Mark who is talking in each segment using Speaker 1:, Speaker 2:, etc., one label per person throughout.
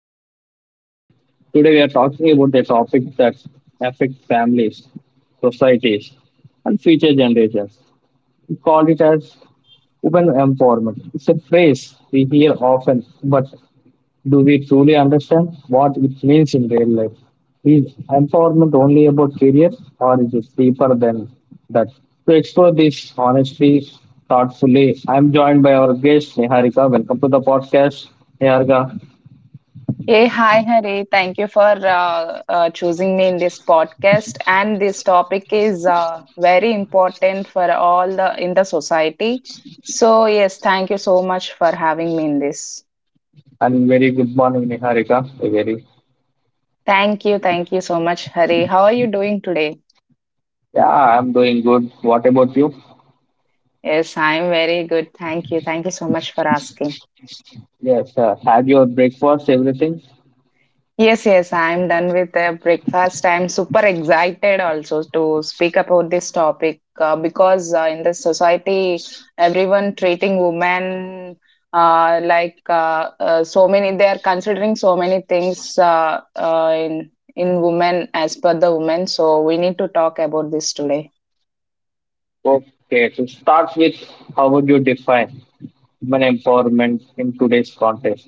Speaker 1: your host, Hari. Today we are talking about a topic that affects families, societies, and future generations. We call it as women empowerment. It's a phrase we hear often, but do we truly understand what it means in real life? Is empowerment only about career or is it deeper than that? To explore this honestly, thoughtfully, I'm joined by our guest Niharika. Welcome to the podcast, Niharika.
Speaker 2: Hey, hi, Hare. Thank you for choosing me in this podcast. And this topic is very important for all the in the society. So yes, thank you so much for having me in this.
Speaker 1: And very good morning, Niharika. A very
Speaker 2: Thank you so much, Hare. How are you doing today?
Speaker 1: yeah, I'm doing good. What about you?
Speaker 2: Yes, I am very good. Thank you so much for asking.
Speaker 1: Yes, sir. Had your breakfast, everything?
Speaker 2: Yes, yes, I'm done with the breakfast. I'm super excited also to speak about this topic because in the society, everyone treating women so many, they are considering so many things in women as per the women. So we need to talk about this today.
Speaker 1: Okay, to start with, how would you define women empowerment in today's context?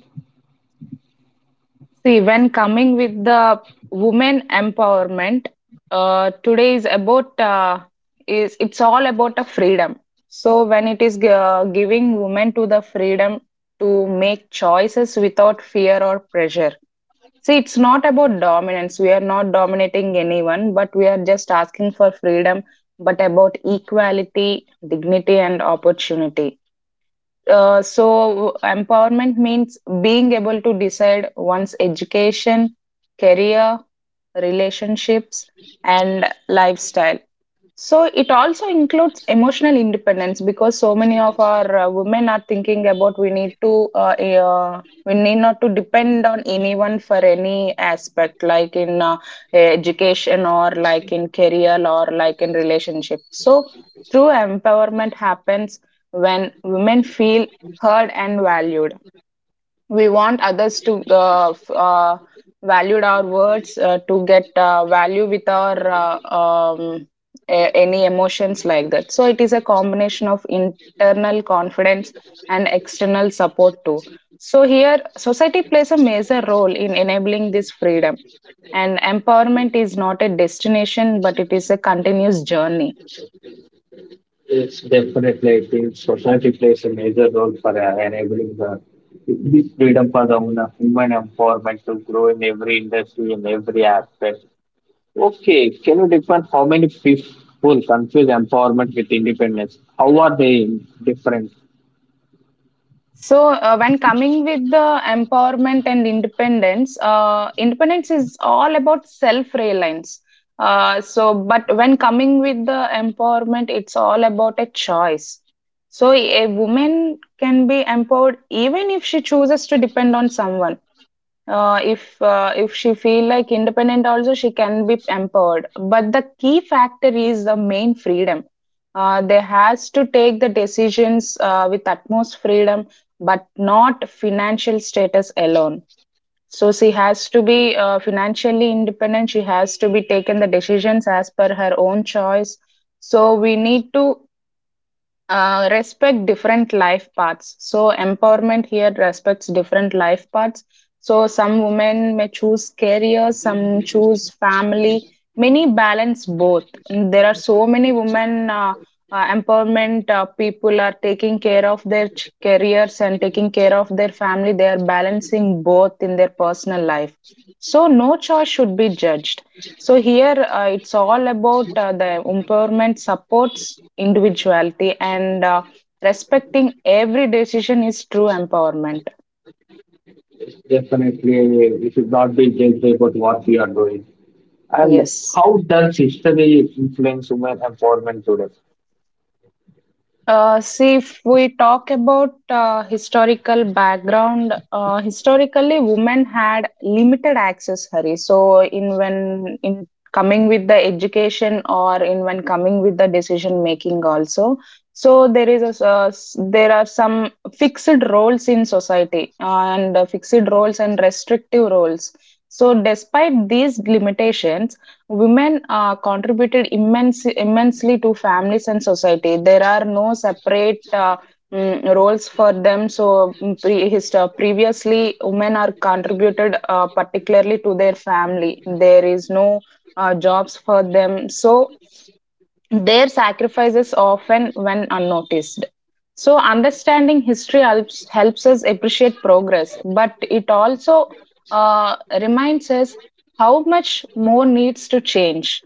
Speaker 2: See, when coming with the women empowerment, today is about is it's all about a freedom. So when it is giving women to the freedom to make choices without fear or pressure. See, it's not about dominance. We are not dominating anyone, but we are just asking for freedom, but about equality, dignity, and opportunity. So empowerment means being able to decide one's education, career, relationships, and lifestyle. So it also includes emotional independence because so many of our women are thinking about we need to we need not to depend on anyone for any aspect like in education or like in career or like in relationship. So true empowerment happens when women feel heard and valued. We want others to valued our words to get value with our any emotions like that. So it is a combination of internal confidence and external support too. So here society plays a major role in enabling this freedom, and empowerment is not a destination but it is a continuous journey.
Speaker 1: It's definitely, I think society plays a major role for enabling the this freedom for the women human empowerment to grow in every industry, in every aspect. Okay, can you define how many people confuse empowerment with independence? How are they different?
Speaker 2: So, when coming with the empowerment and independence, independence is all about self reliance. But when coming with the empowerment, it's all about a choice. So, a woman can be empowered even if she chooses to depend on someone. If if she feel like independent also she can be empowered, but the key factor is the main freedom. They has to take the decisions with utmost freedom but not financial status alone. So she has to be financially independent. She has to be taken the decisions as per her own choice. So we need to respect different life paths. So, empowerment here respects different life paths. So, some women may choose career, some choose family. Many balance both. There are so many women empowerment people are taking care of their careers and taking care of their family. They are balancing both in their personal life. So, no choice should be judged. So here, it's all about the empowerment supports individuality, and respecting every decision is true empowerment.
Speaker 1: Definitely, you should not be judged about what you are doing. And
Speaker 2: Yes.
Speaker 1: how does history influence women empowerment today?
Speaker 2: If we talk about historical background, historically women had limited access, Hari. So in when in coming with the education or in when coming with the decision making also. So there is a there are some fixed roles in society and fixed roles and restrictive roles. So despite these limitations, women contributed immensely to families and society. There are no separate roles for them. So, previously, women are contributed particularly to their family. There is no jobs for them. So, their sacrifices often went unnoticed. So, understanding history helps us appreciate progress, but it also uh, reminds us how much more needs to change.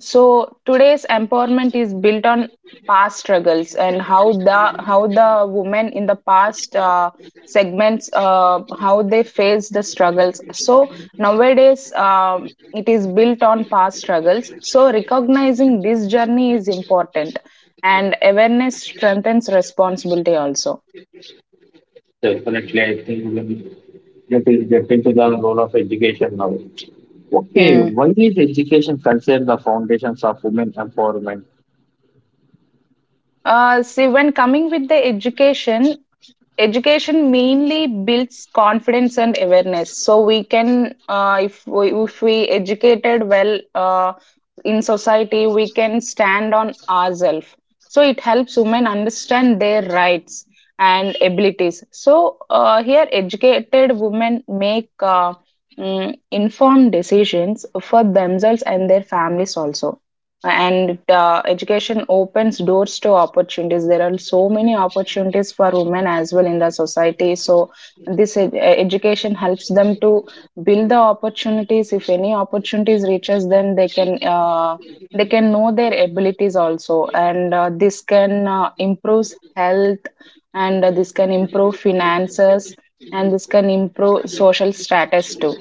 Speaker 2: So today's empowerment is built on past struggles and how the women in the past segments how they face the struggles. So nowadays it is built on past struggles. So recognizing this journey is important, and awareness strengthens responsibility also.
Speaker 1: Definitely, I think when that is get into the role of education now. Okay,
Speaker 2: Hmm.
Speaker 1: why is education considered the foundations of women empowerment?
Speaker 2: When coming with the education, education mainly builds confidence and awareness. So we can, if we educated well in society, we can stand on ourselves. So it helps women understand their rights and abilities. So here educated women make informed decisions for themselves and their families also, and education opens doors to opportunities. There are so many opportunities for women as well in the society. So this education helps them to build the opportunities. If any opportunities reaches them, they can know their abilities also, and this can improve health, and this can improve finances, and this can improve social status too.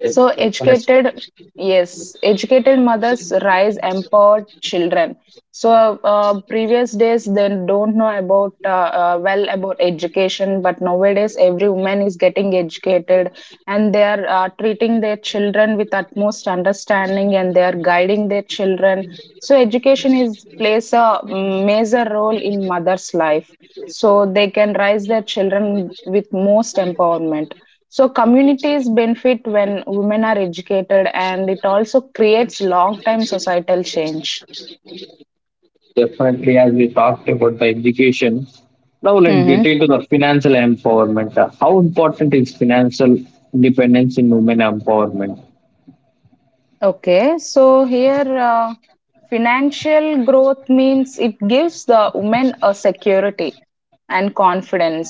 Speaker 1: Eh,
Speaker 2: So
Speaker 1: Let's
Speaker 2: educated, yes, educated mothers rise empowered children. So previous days they don't know about well about education, but nowadays every woman is getting educated, and they are treating their children with utmost understanding, and they are guiding their children. So education is plays a major role in mother's life, so they can raise their children with most empowerment. So communities benefit when women are educated, and it also creates long term societal change.
Speaker 1: Definitely, as we talked about the education, now let's get
Speaker 2: Hmm.
Speaker 1: into the financial empowerment. How important is financial independence in women empowerment?
Speaker 2: Okay, so here financial growth means it gives the women a security and confidence.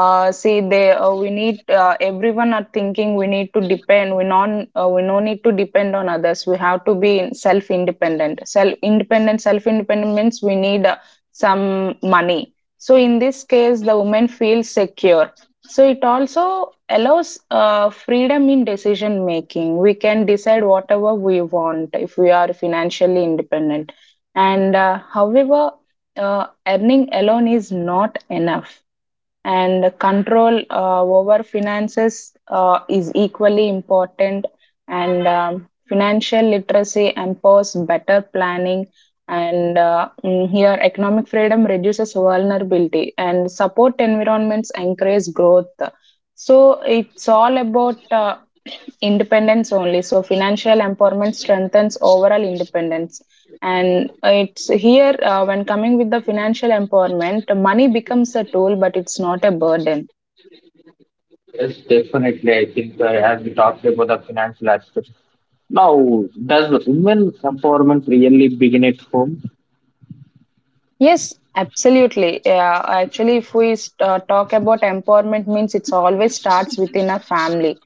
Speaker 2: They we need everyone are thinking we need to depend. We no need to depend on others. We have to be self independent. Self independent means we need some money. So in this case, the woman feels secure. So it also allows freedom in decision making. We can decide whatever we want if we are financially independent. And however, uh, earning alone is not enough, and control over finances is equally important, and financial literacy empowers better planning, and here economic freedom reduces vulnerability, and support environments encourage growth. So it's all about independence only. So financial empowerment strengthens overall independence, and it's here when coming with the financial empowerment, money becomes a tool, but it's not a burden.
Speaker 1: Yes, definitely. I think as we talked about the financial aspect. Now, does women empowerment really begin at home?
Speaker 2: Yes, absolutely. Yeah, actually, if we talk about empowerment, means it's always starts within a family,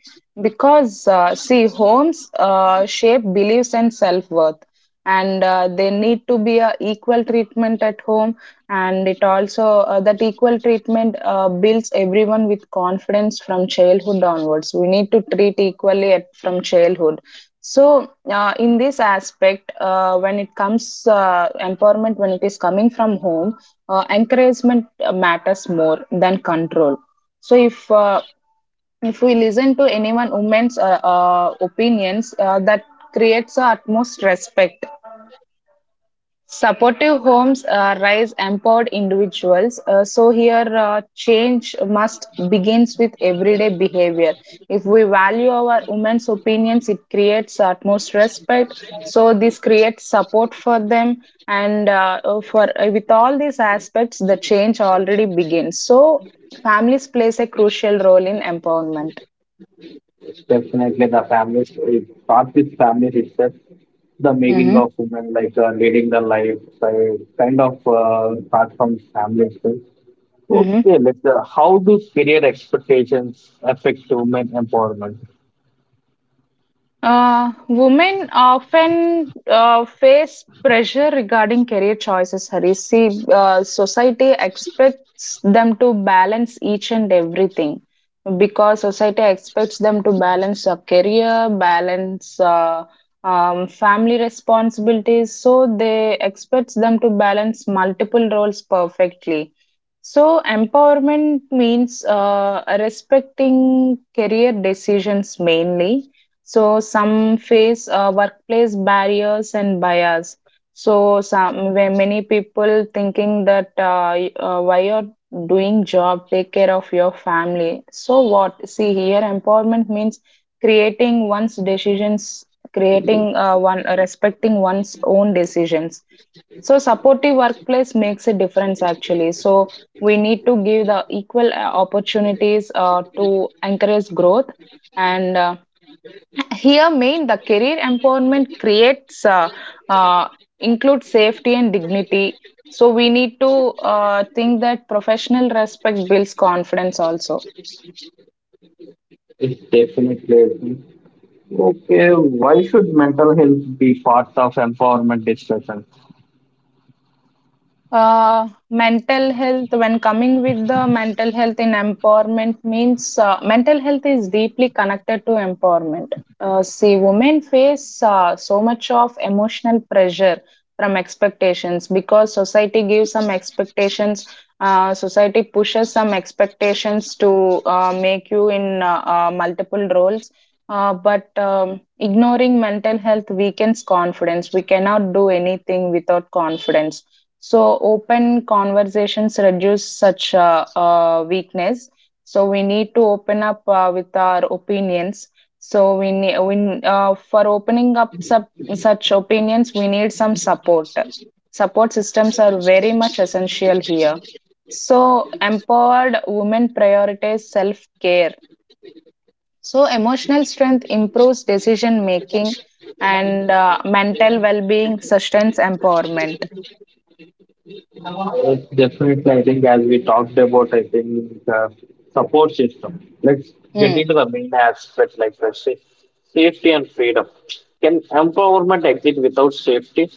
Speaker 2: because homes shape beliefs and self worth, and they need to be a equal treatment at home, and it also that equal treatment builds everyone with confidence from childhood onwards. We need to treat equally at, from childhood. So in this aspect when it comes empowerment when it is coming from home, encouragement matters more than control. So if we listen to anyone woman's opinions, that creates a utmost respect. Supportive homes raise empowered individuals. So here, change must begins with everyday behavior. If we value our women's opinions, it creates utmost respect. So this creates support for them, and for with all these aspects, the change already begins. So families plays a crucial role in empowerment.
Speaker 1: Definitely, the families, it starts with families itself, the making
Speaker 2: Mm-hmm.
Speaker 1: of women, like leading the life, so kind of starts from family itself. Okay, how do career expectations affect women empowerment?
Speaker 2: Women often face pressure regarding career choices, Hari. See, society expects them to balance each and everything, because society expects them to balance a career, balance family responsibilities. So they expect them to balance multiple roles perfectly. So empowerment means respecting career decisions mainly. So some face workplace barriers and bias. So some where many people thinking that while you're doing job, take care of your family. So what? See here, empowerment means creating one's decisions, creating one respecting one's own decisions. So supportive workplace makes a difference actually. So we need to give the equal opportunities to encourage growth and. Here main the career empowerment creates uh, includes safety and dignity. So we need to think that professional respect builds confidence also.
Speaker 1: It's definitely okay. Why should mental health be part of empowerment discussion?
Speaker 2: Mental health, when coming with the mental health in empowerment, means mental health is deeply connected to empowerment. Women face so much of emotional pressure from expectations, because society gives some expectations, society pushes some expectations to make you in multiple roles. But ignoring mental health weakens confidence. We cannot do anything without confidence. So open conversations reduce such weakness. So we need to open up with our opinions. So for opening up such opinions, we need some support. Support systems are very much essential here. So empowered women prioritize self care. So emotional strength improves decision making, and mental well being sustains empowerment.
Speaker 1: Yes, definitely. I think as we talked about, I think support system. Let's get
Speaker 2: Mm.
Speaker 1: into the main aspect, like let's say safety and freedom. Can empowerment exist without safety?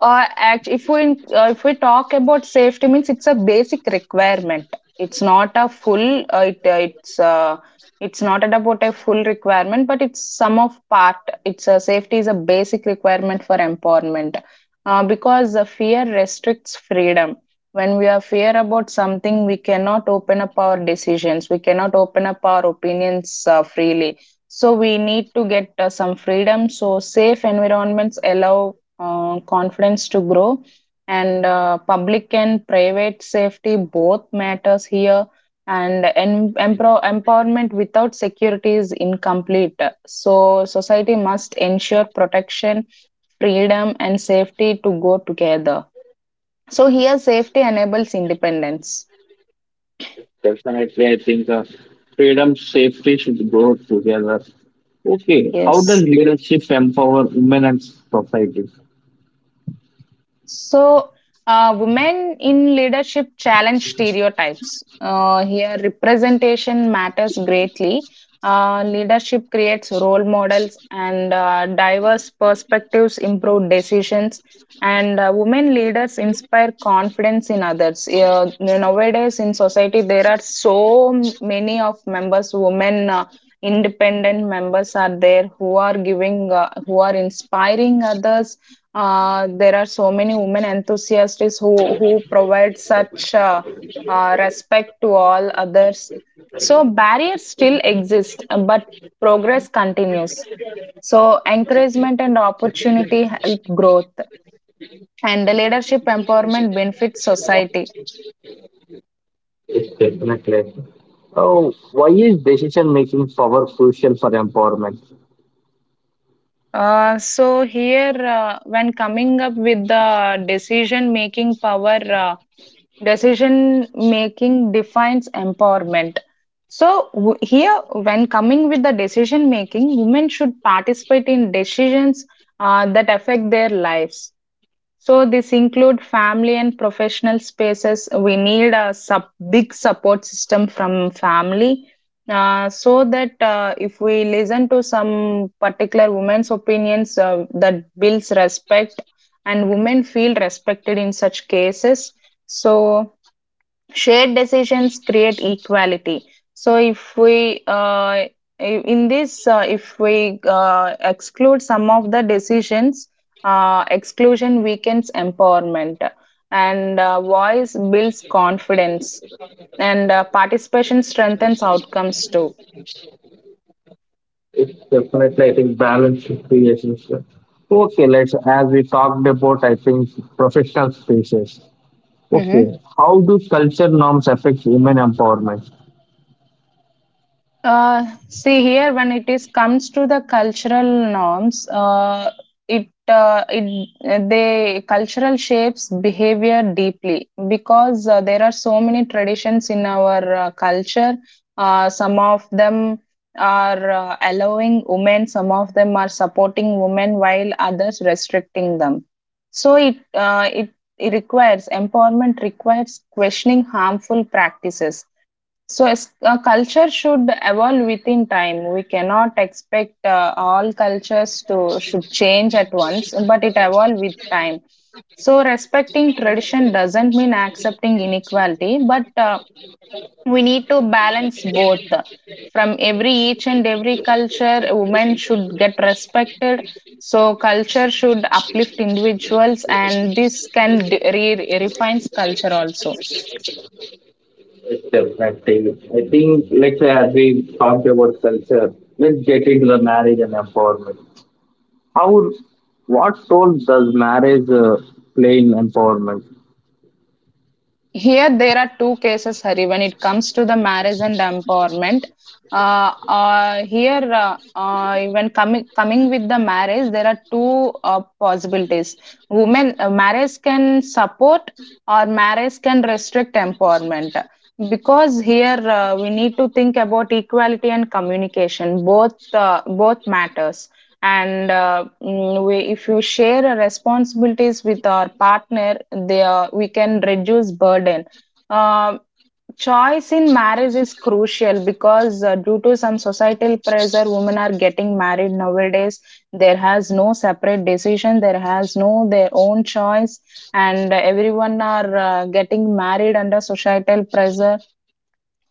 Speaker 2: If we talk about safety, means it's a basic requirement. It's not a full. It's not at about a full requirement, but it's some of part. It's a safety is a basic requirement for empowerment, because the fear restricts freedom. When we are fear about something, we cannot open up our decisions. We cannot open up our opinions freely. So we need to get some freedom. So safe environments allow confidence to grow, and public and private safety both matters here, and empowerment without security is incomplete. So society must ensure protection, freedom and safety to go together. So here safety enables independence.
Speaker 1: Definitely, I think freedom, safety should go together. Okay, how does
Speaker 2: Yes.
Speaker 1: leadership empower women and society?
Speaker 2: So, women in leadership challenge stereotypes. Here, representation matters greatly. Leadership creates role models, and diverse perspectives improve decisions. And women leaders inspire confidence in others. Nowadays, in society, there are so many of members, women. Independent members are there who are giving who are inspiring others. There are so many women enthusiasts who provide such respect to all others. So barriers still exist, but progress continues. So encouragement and opportunity help growth, and the leadership empowerment benefits society.
Speaker 1: Yes, definitely. Oh, why is decision making power crucial for empowerment?
Speaker 2: So here, when coming up with the decision-making power, decision-making defines empowerment. So here, when coming with the decision-making, women should participate in decisions that affect their lives. So this include family and professional spaces. We need a sub, big support system from family. So that if we listen to some particular women's opinions, that builds respect, and women feel respected in such cases. So shared decisions create equality. So if we in this, if we exclude some of the decisions, exclusion weakens empowerment, and voice builds confidence, and participation strengthens outcomes too.
Speaker 1: It's definitely, I think, balance should be essential. Okay, let's as we talked about, I think, professional spaces.
Speaker 2: Mhm.
Speaker 1: Okay, how do culture norms affect women empowerment?
Speaker 2: See here, when it is comes to the cultural norms, it it they cultural shapes behavior deeply, because there are so many traditions in our culture. Some of them are allowing women, some of them are supporting women, while others restricting them. So it requires empowerment requires questioning harmful practices. So, as a culture should evolve within time. We cannot expect all cultures to should change at once, but it evolve with time. So, respecting tradition doesn't mean accepting inequality, but we need to balance both. From every each and every culture, women should get respected. So, culture should uplift individuals, and this can refines culture also.
Speaker 1: It's definitely. I think, let's say, as we talked about culture, let's get into the marriage and empowerment. How, what role does marriage play in empowerment?
Speaker 2: Here there are two cases, Hari. When it comes to the marriage and empowerment, here when coming with the marriage, there are two possibilities. Women marriage can support, or marriage can restrict empowerment, because here we need to think about equality and communication. Both matters, and we, if you share our responsibilities with our partner they are, we can reduce burden. uh, Choice in marriage is crucial, because due to some societal pressure women are getting married nowadays. There has no separate decision, there has no their own choice, and everyone are getting married under societal pressure.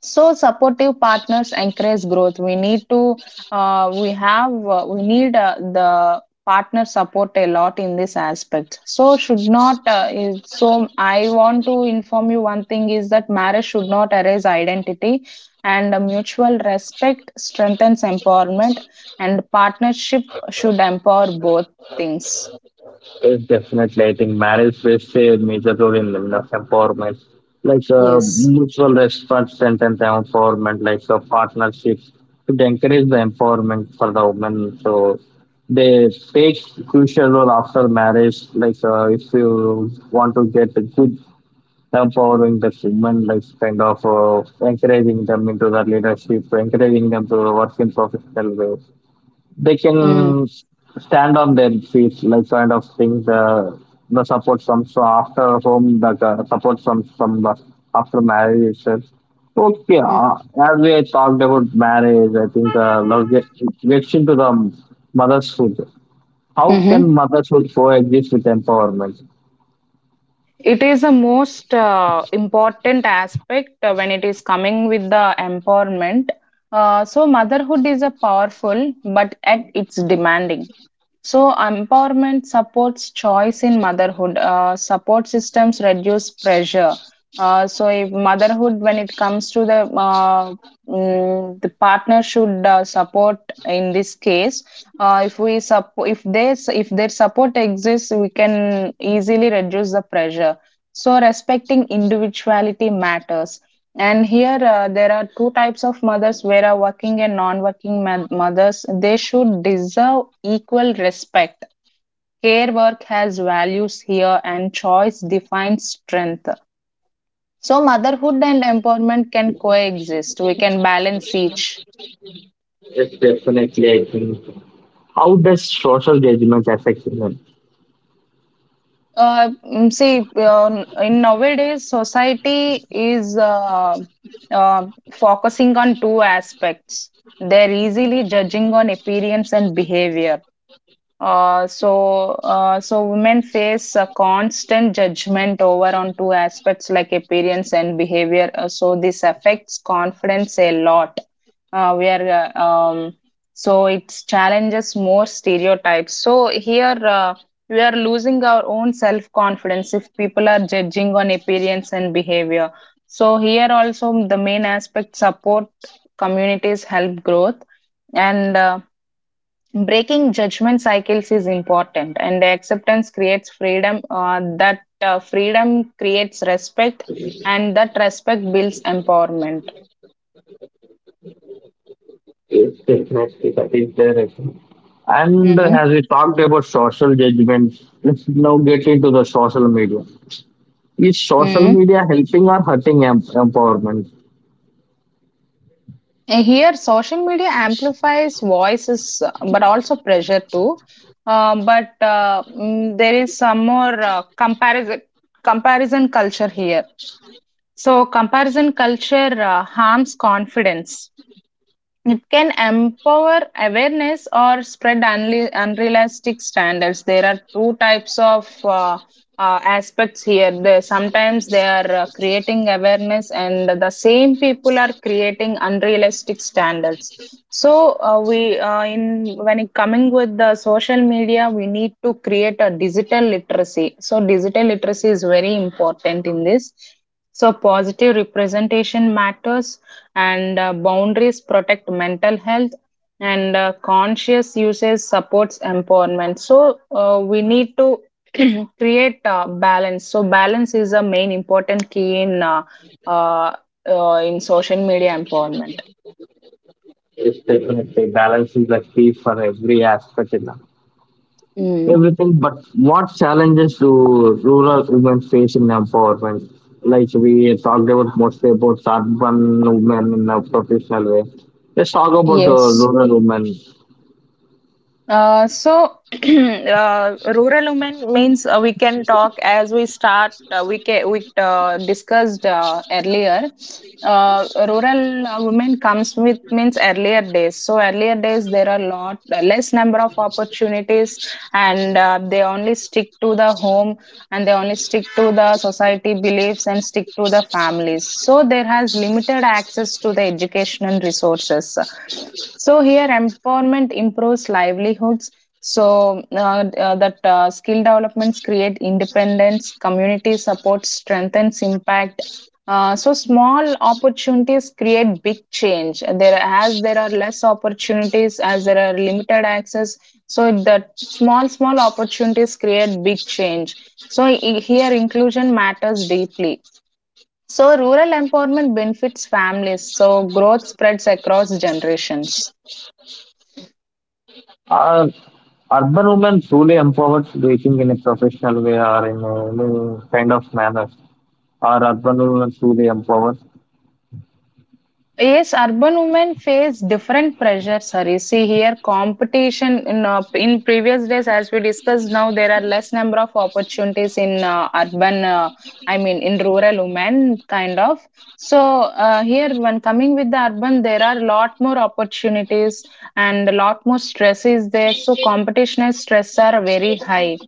Speaker 2: So supportive partners encourage growth. We need to we have we need the partner support a lot in this aspect, so should not is, so I want to inform you one thing is that marriage should not erase identity, and mutual respect strengthens empowerment, and partnership should empower both things.
Speaker 1: Yes, definitely. I think marriage plays a major role in women's empowerment, like
Speaker 2: Yes.
Speaker 1: mutual respect and empowerment, like partnerships to encourage the empowerment for the women. So they play crucial role after marriage. Like if you want to get a good empowering the women, like kind of encouraging them into the leadership, encouraging them to work in professional way they
Speaker 2: Mm-hmm.
Speaker 1: can stand on their feet, like kind of thing. The support from so after home, the support from the after marriage itself. Okay, as we talked about marriage, I think now gets into the motherhood. How can
Speaker 2: Mm-hmm.
Speaker 1: motherhood coexist with empowerment?
Speaker 2: It is the most important aspect when it is coming with the empowerment. So, motherhood is a powerful, but at it's demanding. So, empowerment supports choice in motherhood. Support systems reduce pressure. So, if motherhood, when it comes to the the partner should support in this case. If we support, if their support exists, we can easily reduce the pressure. So, respecting individuality matters. And here there are two types of mothers where are working and non-working mothers. They should deserve equal respect. Care work has values here, and choice defines strength. So motherhood and empowerment can coexist. We can balance each.
Speaker 1: Yes, definitely. I think. How does social judgment affect women?
Speaker 2: See, in nowadays society is focusing on two aspects. They're easily judging on appearance and behavior. So women face a constant judgment over on two aspects like appearance and behavior. So this affects confidence a lot. We are uh, um, so it challenges more stereotypes. So here we are losing our own self confidence if people are judging on appearance and behavior. So here also the main aspect support communities help growth. And. Breaking judgment cycles is important, and acceptance creates freedom. That freedom creates respect, and that respect builds empowerment.
Speaker 1: Is there? And
Speaker 2: Hmm.
Speaker 1: as we talked about social judgment, let's now get into the social media. Is social
Speaker 2: Hmm.
Speaker 1: media helping or hurting empowerment?
Speaker 2: Here social media amplifies voices, but also pressure too. There is some more comparison comparison culture here. So comparison culture harms confidence. It can empower awareness or spread unrealistic standards. There are two types of aspects here. They, sometimes they are creating awareness, and the same people are creating unrealistic standards. So in when it coming with the social media, we need to create a digital literacy. So digital literacy is very important in this. So positive representation matters, and boundaries protect mental health, and conscious usage supports empowerment. So we need to create balance. So balance is a main important key uh, in social media empowerment.
Speaker 1: It's definitely balance is the key for every aspect in life.
Speaker 2: Mm.
Speaker 1: Everything. But what challenges do rural women face in empowerment? Like we talked about mostly about urban women in a professional way. Let's talk about
Speaker 2: Yes.
Speaker 1: rural women.
Speaker 2: So, rural women means we can talk as we start. We discussed earlier. Rural women comes with means earlier days. So earlier days there are lot less number of opportunities, and they only stick to the home, and they only stick to the society beliefs and stick to the families. So there has limited access to the education and resources. So here empowerment improves livelihoods. So that skill developments create independence, community support strengthens impact. So small opportunities create big change. There as there are less opportunities, as there are limited access. So that small small opportunities create big change. So here inclusion matters deeply. So rural empowerment benefits families. So growth spreads across generations.
Speaker 1: Are urban women truly empowered dating in a professional way or in a, any kind of manner? Are urban women truly empowered?
Speaker 2: Yes, urban women face different pressures, Hari. See here, competition in previous days, as we discussed, now there are less number of opportunities in urban. I mean, in rural women, kind of. So here, when coming with the urban, there are lot more opportunities, and a lot more stress is there. So competition and stress are very high.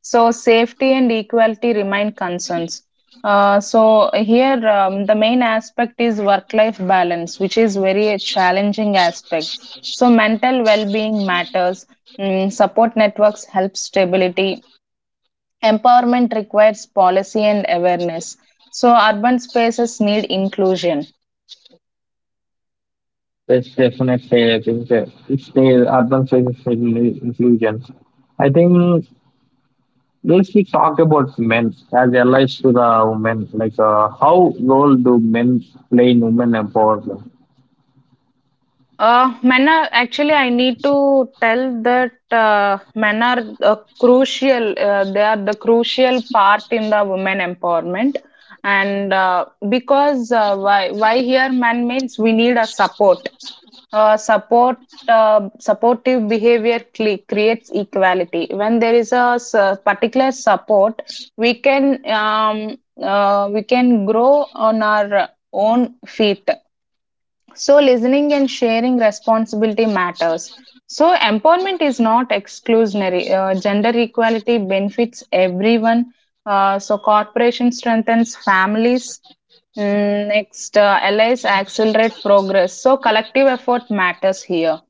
Speaker 2: So safety and equality remain concerns. So here the main aspect is work-life balance, which is very a challenging aspect. So mental well-being matters. Mm, support networks help stability. Empowerment requires policy and awareness. So urban spaces need inclusion.
Speaker 1: It's definitely, I think, it's the urban spaces inclusion. I think, let's we talk about men as allies to the women. Like, how role do men play in women empowerment?
Speaker 2: Men are actually, I need to tell that men are crucial. They are the crucial part in the women empowerment, and because why here men means we need a support. Uh, support Supportive behavior creates equality. When there is a particular support, we can grow on our own feet. So, listening and sharing responsibility matters. So, empowerment is not exclusionary. Gender equality benefits everyone. So, corporation strengthens families. Mm, next, allies accelerate progress. So, collective effort matters here.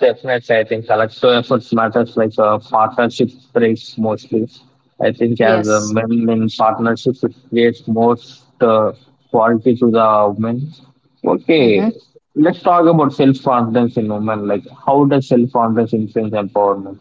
Speaker 1: Definitely, I think collective efforts matters. Like partnership brings mostly. I think as
Speaker 2: Yes.
Speaker 1: men in partnerships, it creates most quality to the women.
Speaker 2: Mhm.
Speaker 1: Okay, let's talk about self confidence in women. Like, how does self confidence influence empowerment?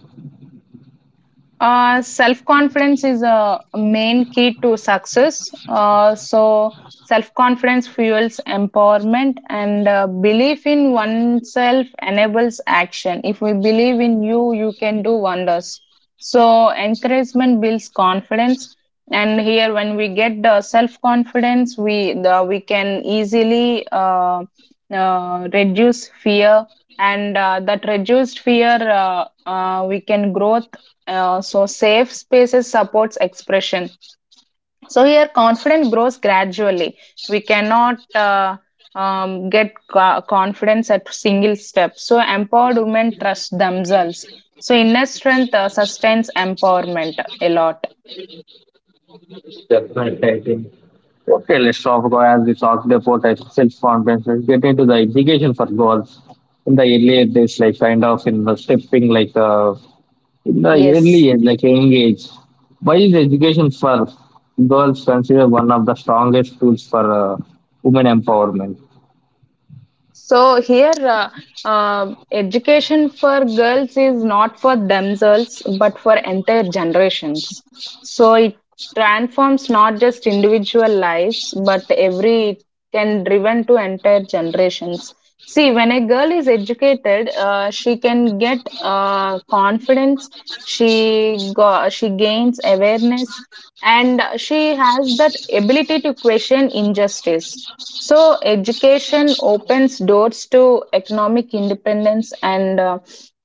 Speaker 2: Self confidence is a main key to success. So, self confidence fuels empowerment, and belief in oneself enables action. If we believe in you, you can do wonders. So, encouragement builds confidence. And here, when we get the self confidence, we the, we can easily reduce fear, and that reduced fear, we can grow. So, safe spaces supports expression. So, here confidence grows gradually. We cannot get confidence at single step. So, empowered women trust themselves. So, inner strength sustains empowerment a lot.
Speaker 1: Definitely, I think. Okay, let's talk about as we talked about self confidence. Let's get into the education for girls in the earlier days, like kind of in the stepping, like. In the early
Speaker 2: Yes.
Speaker 1: age, like young age, why is education for girls considered one of the strongest tools for women empowerment?
Speaker 2: So here, education for girls is not for themselves, but for entire generations. So it transforms not just individual lives, but every it can driven to entire generations. See, when a girl is educated, she can get confidence. She go, she gains awareness, and she has that ability to question injustice. So, education opens doors to economic independence and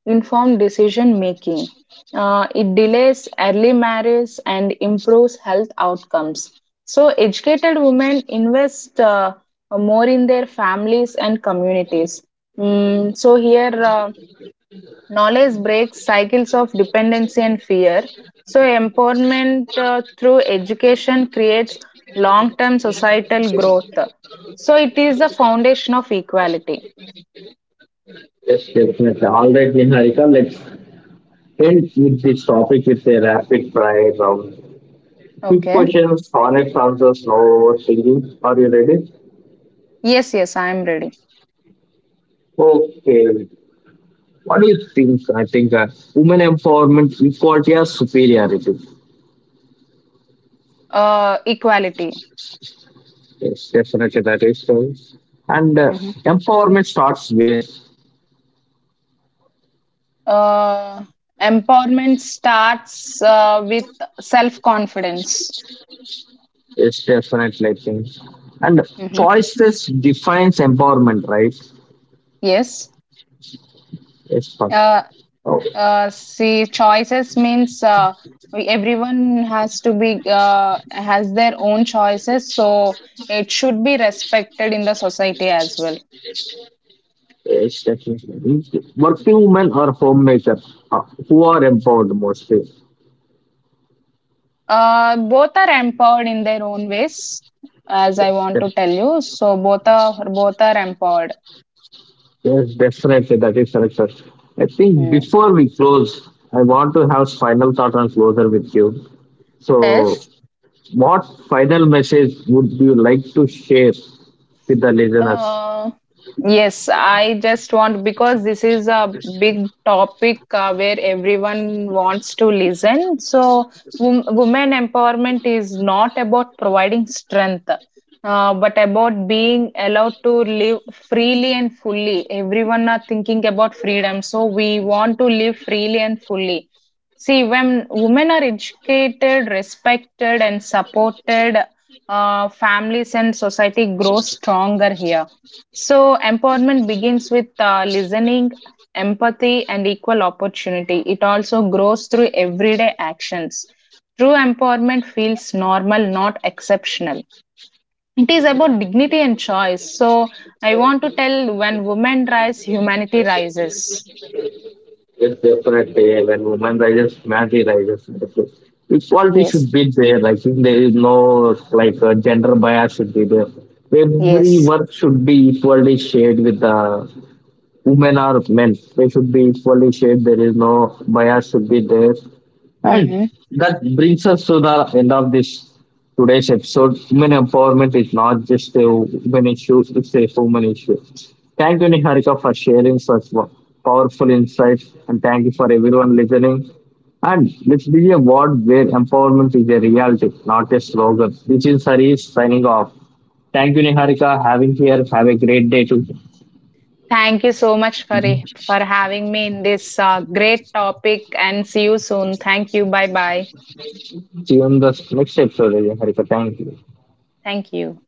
Speaker 2: informed decision making. It delays early marriage and improves health outcomes. So, educated women invest more in their families and communities. So, here knowledge breaks cycles of dependency and fear. So, empowerment through education creates long term societal growth. So, it is the foundation of equality.
Speaker 1: Yes, definitely. All right, Niharika, let's end with this topic with a rapid fire round. Quick
Speaker 2: Okay.
Speaker 1: questions, honest answers, no overthinking. Are you ready?
Speaker 2: Yes, yes, I am ready.
Speaker 1: Okay. What do you think? I think women empowerment, equality, or superiority?
Speaker 2: Equality.
Speaker 1: Yes, definitely that is so. And
Speaker 2: Mhm.
Speaker 1: empowerment starts where?
Speaker 2: Uh, Empowerment starts with self confidence.
Speaker 1: It's definitely, I think. And choices defines empowerment, right?
Speaker 2: Yes.
Speaker 1: Yes, fuck.
Speaker 2: Uh,
Speaker 1: Oh,
Speaker 2: See, choices means we- everyone has to be has their own choices, so it should be respected in the society as well.
Speaker 1: yes, definitely. Working women or homemakers who are empowered mostly.
Speaker 2: Both are empowered in their own ways, as I
Speaker 1: Yes,
Speaker 2: want
Speaker 1: def-
Speaker 2: to tell you. So both are empowered.
Speaker 1: yes, definitely. That is correct, sir. I think
Speaker 2: Mm.
Speaker 1: before we close, I want to have final thought on closer with you. So,
Speaker 2: Yes.
Speaker 1: what final message would you like to share with the listeners?
Speaker 2: Uh, yes, I just want because this is a big topic where everyone wants to listen. So, women empowerment is not about providing strength, but about being allowed to live freely and fully. Everyone are thinking about freedom, so we want to live freely and fully. See, when women are educated, respected, and supported, families and society grow stronger here. So, empowerment begins with listening, empathy, and equal opportunity. It also grows through everyday actions. True empowerment feels normal, not exceptional. It is about dignity and choice. So, I want to tell when women rise, humanity rises.
Speaker 1: Yes, definitely. When women rises, man rises. Equality
Speaker 2: Yes,
Speaker 1: should be there. I think there is no like gender bias should be there. Every
Speaker 2: yes.
Speaker 1: work should be equally shared with the women or men. They should be equally shared. There is no bias should be there. And
Speaker 2: Mhm.
Speaker 1: that brings us to the end of this today's episode. Women empowerment is not just a women issue, it's a human issue. Thank you, Niharika, for sharing such powerful insights, and thank you for everyone listening. And let's be a world where empowerment is a reality, not a slogan. This is Hari signing off. Thank you, Niharika, having here. Have a great day too.
Speaker 2: Thank you so much
Speaker 1: See
Speaker 2: for having me in this great topic, and see you soon. Thank you. Bye bye.
Speaker 1: you in the next episode, Niharika. Thank you.
Speaker 2: Thank you.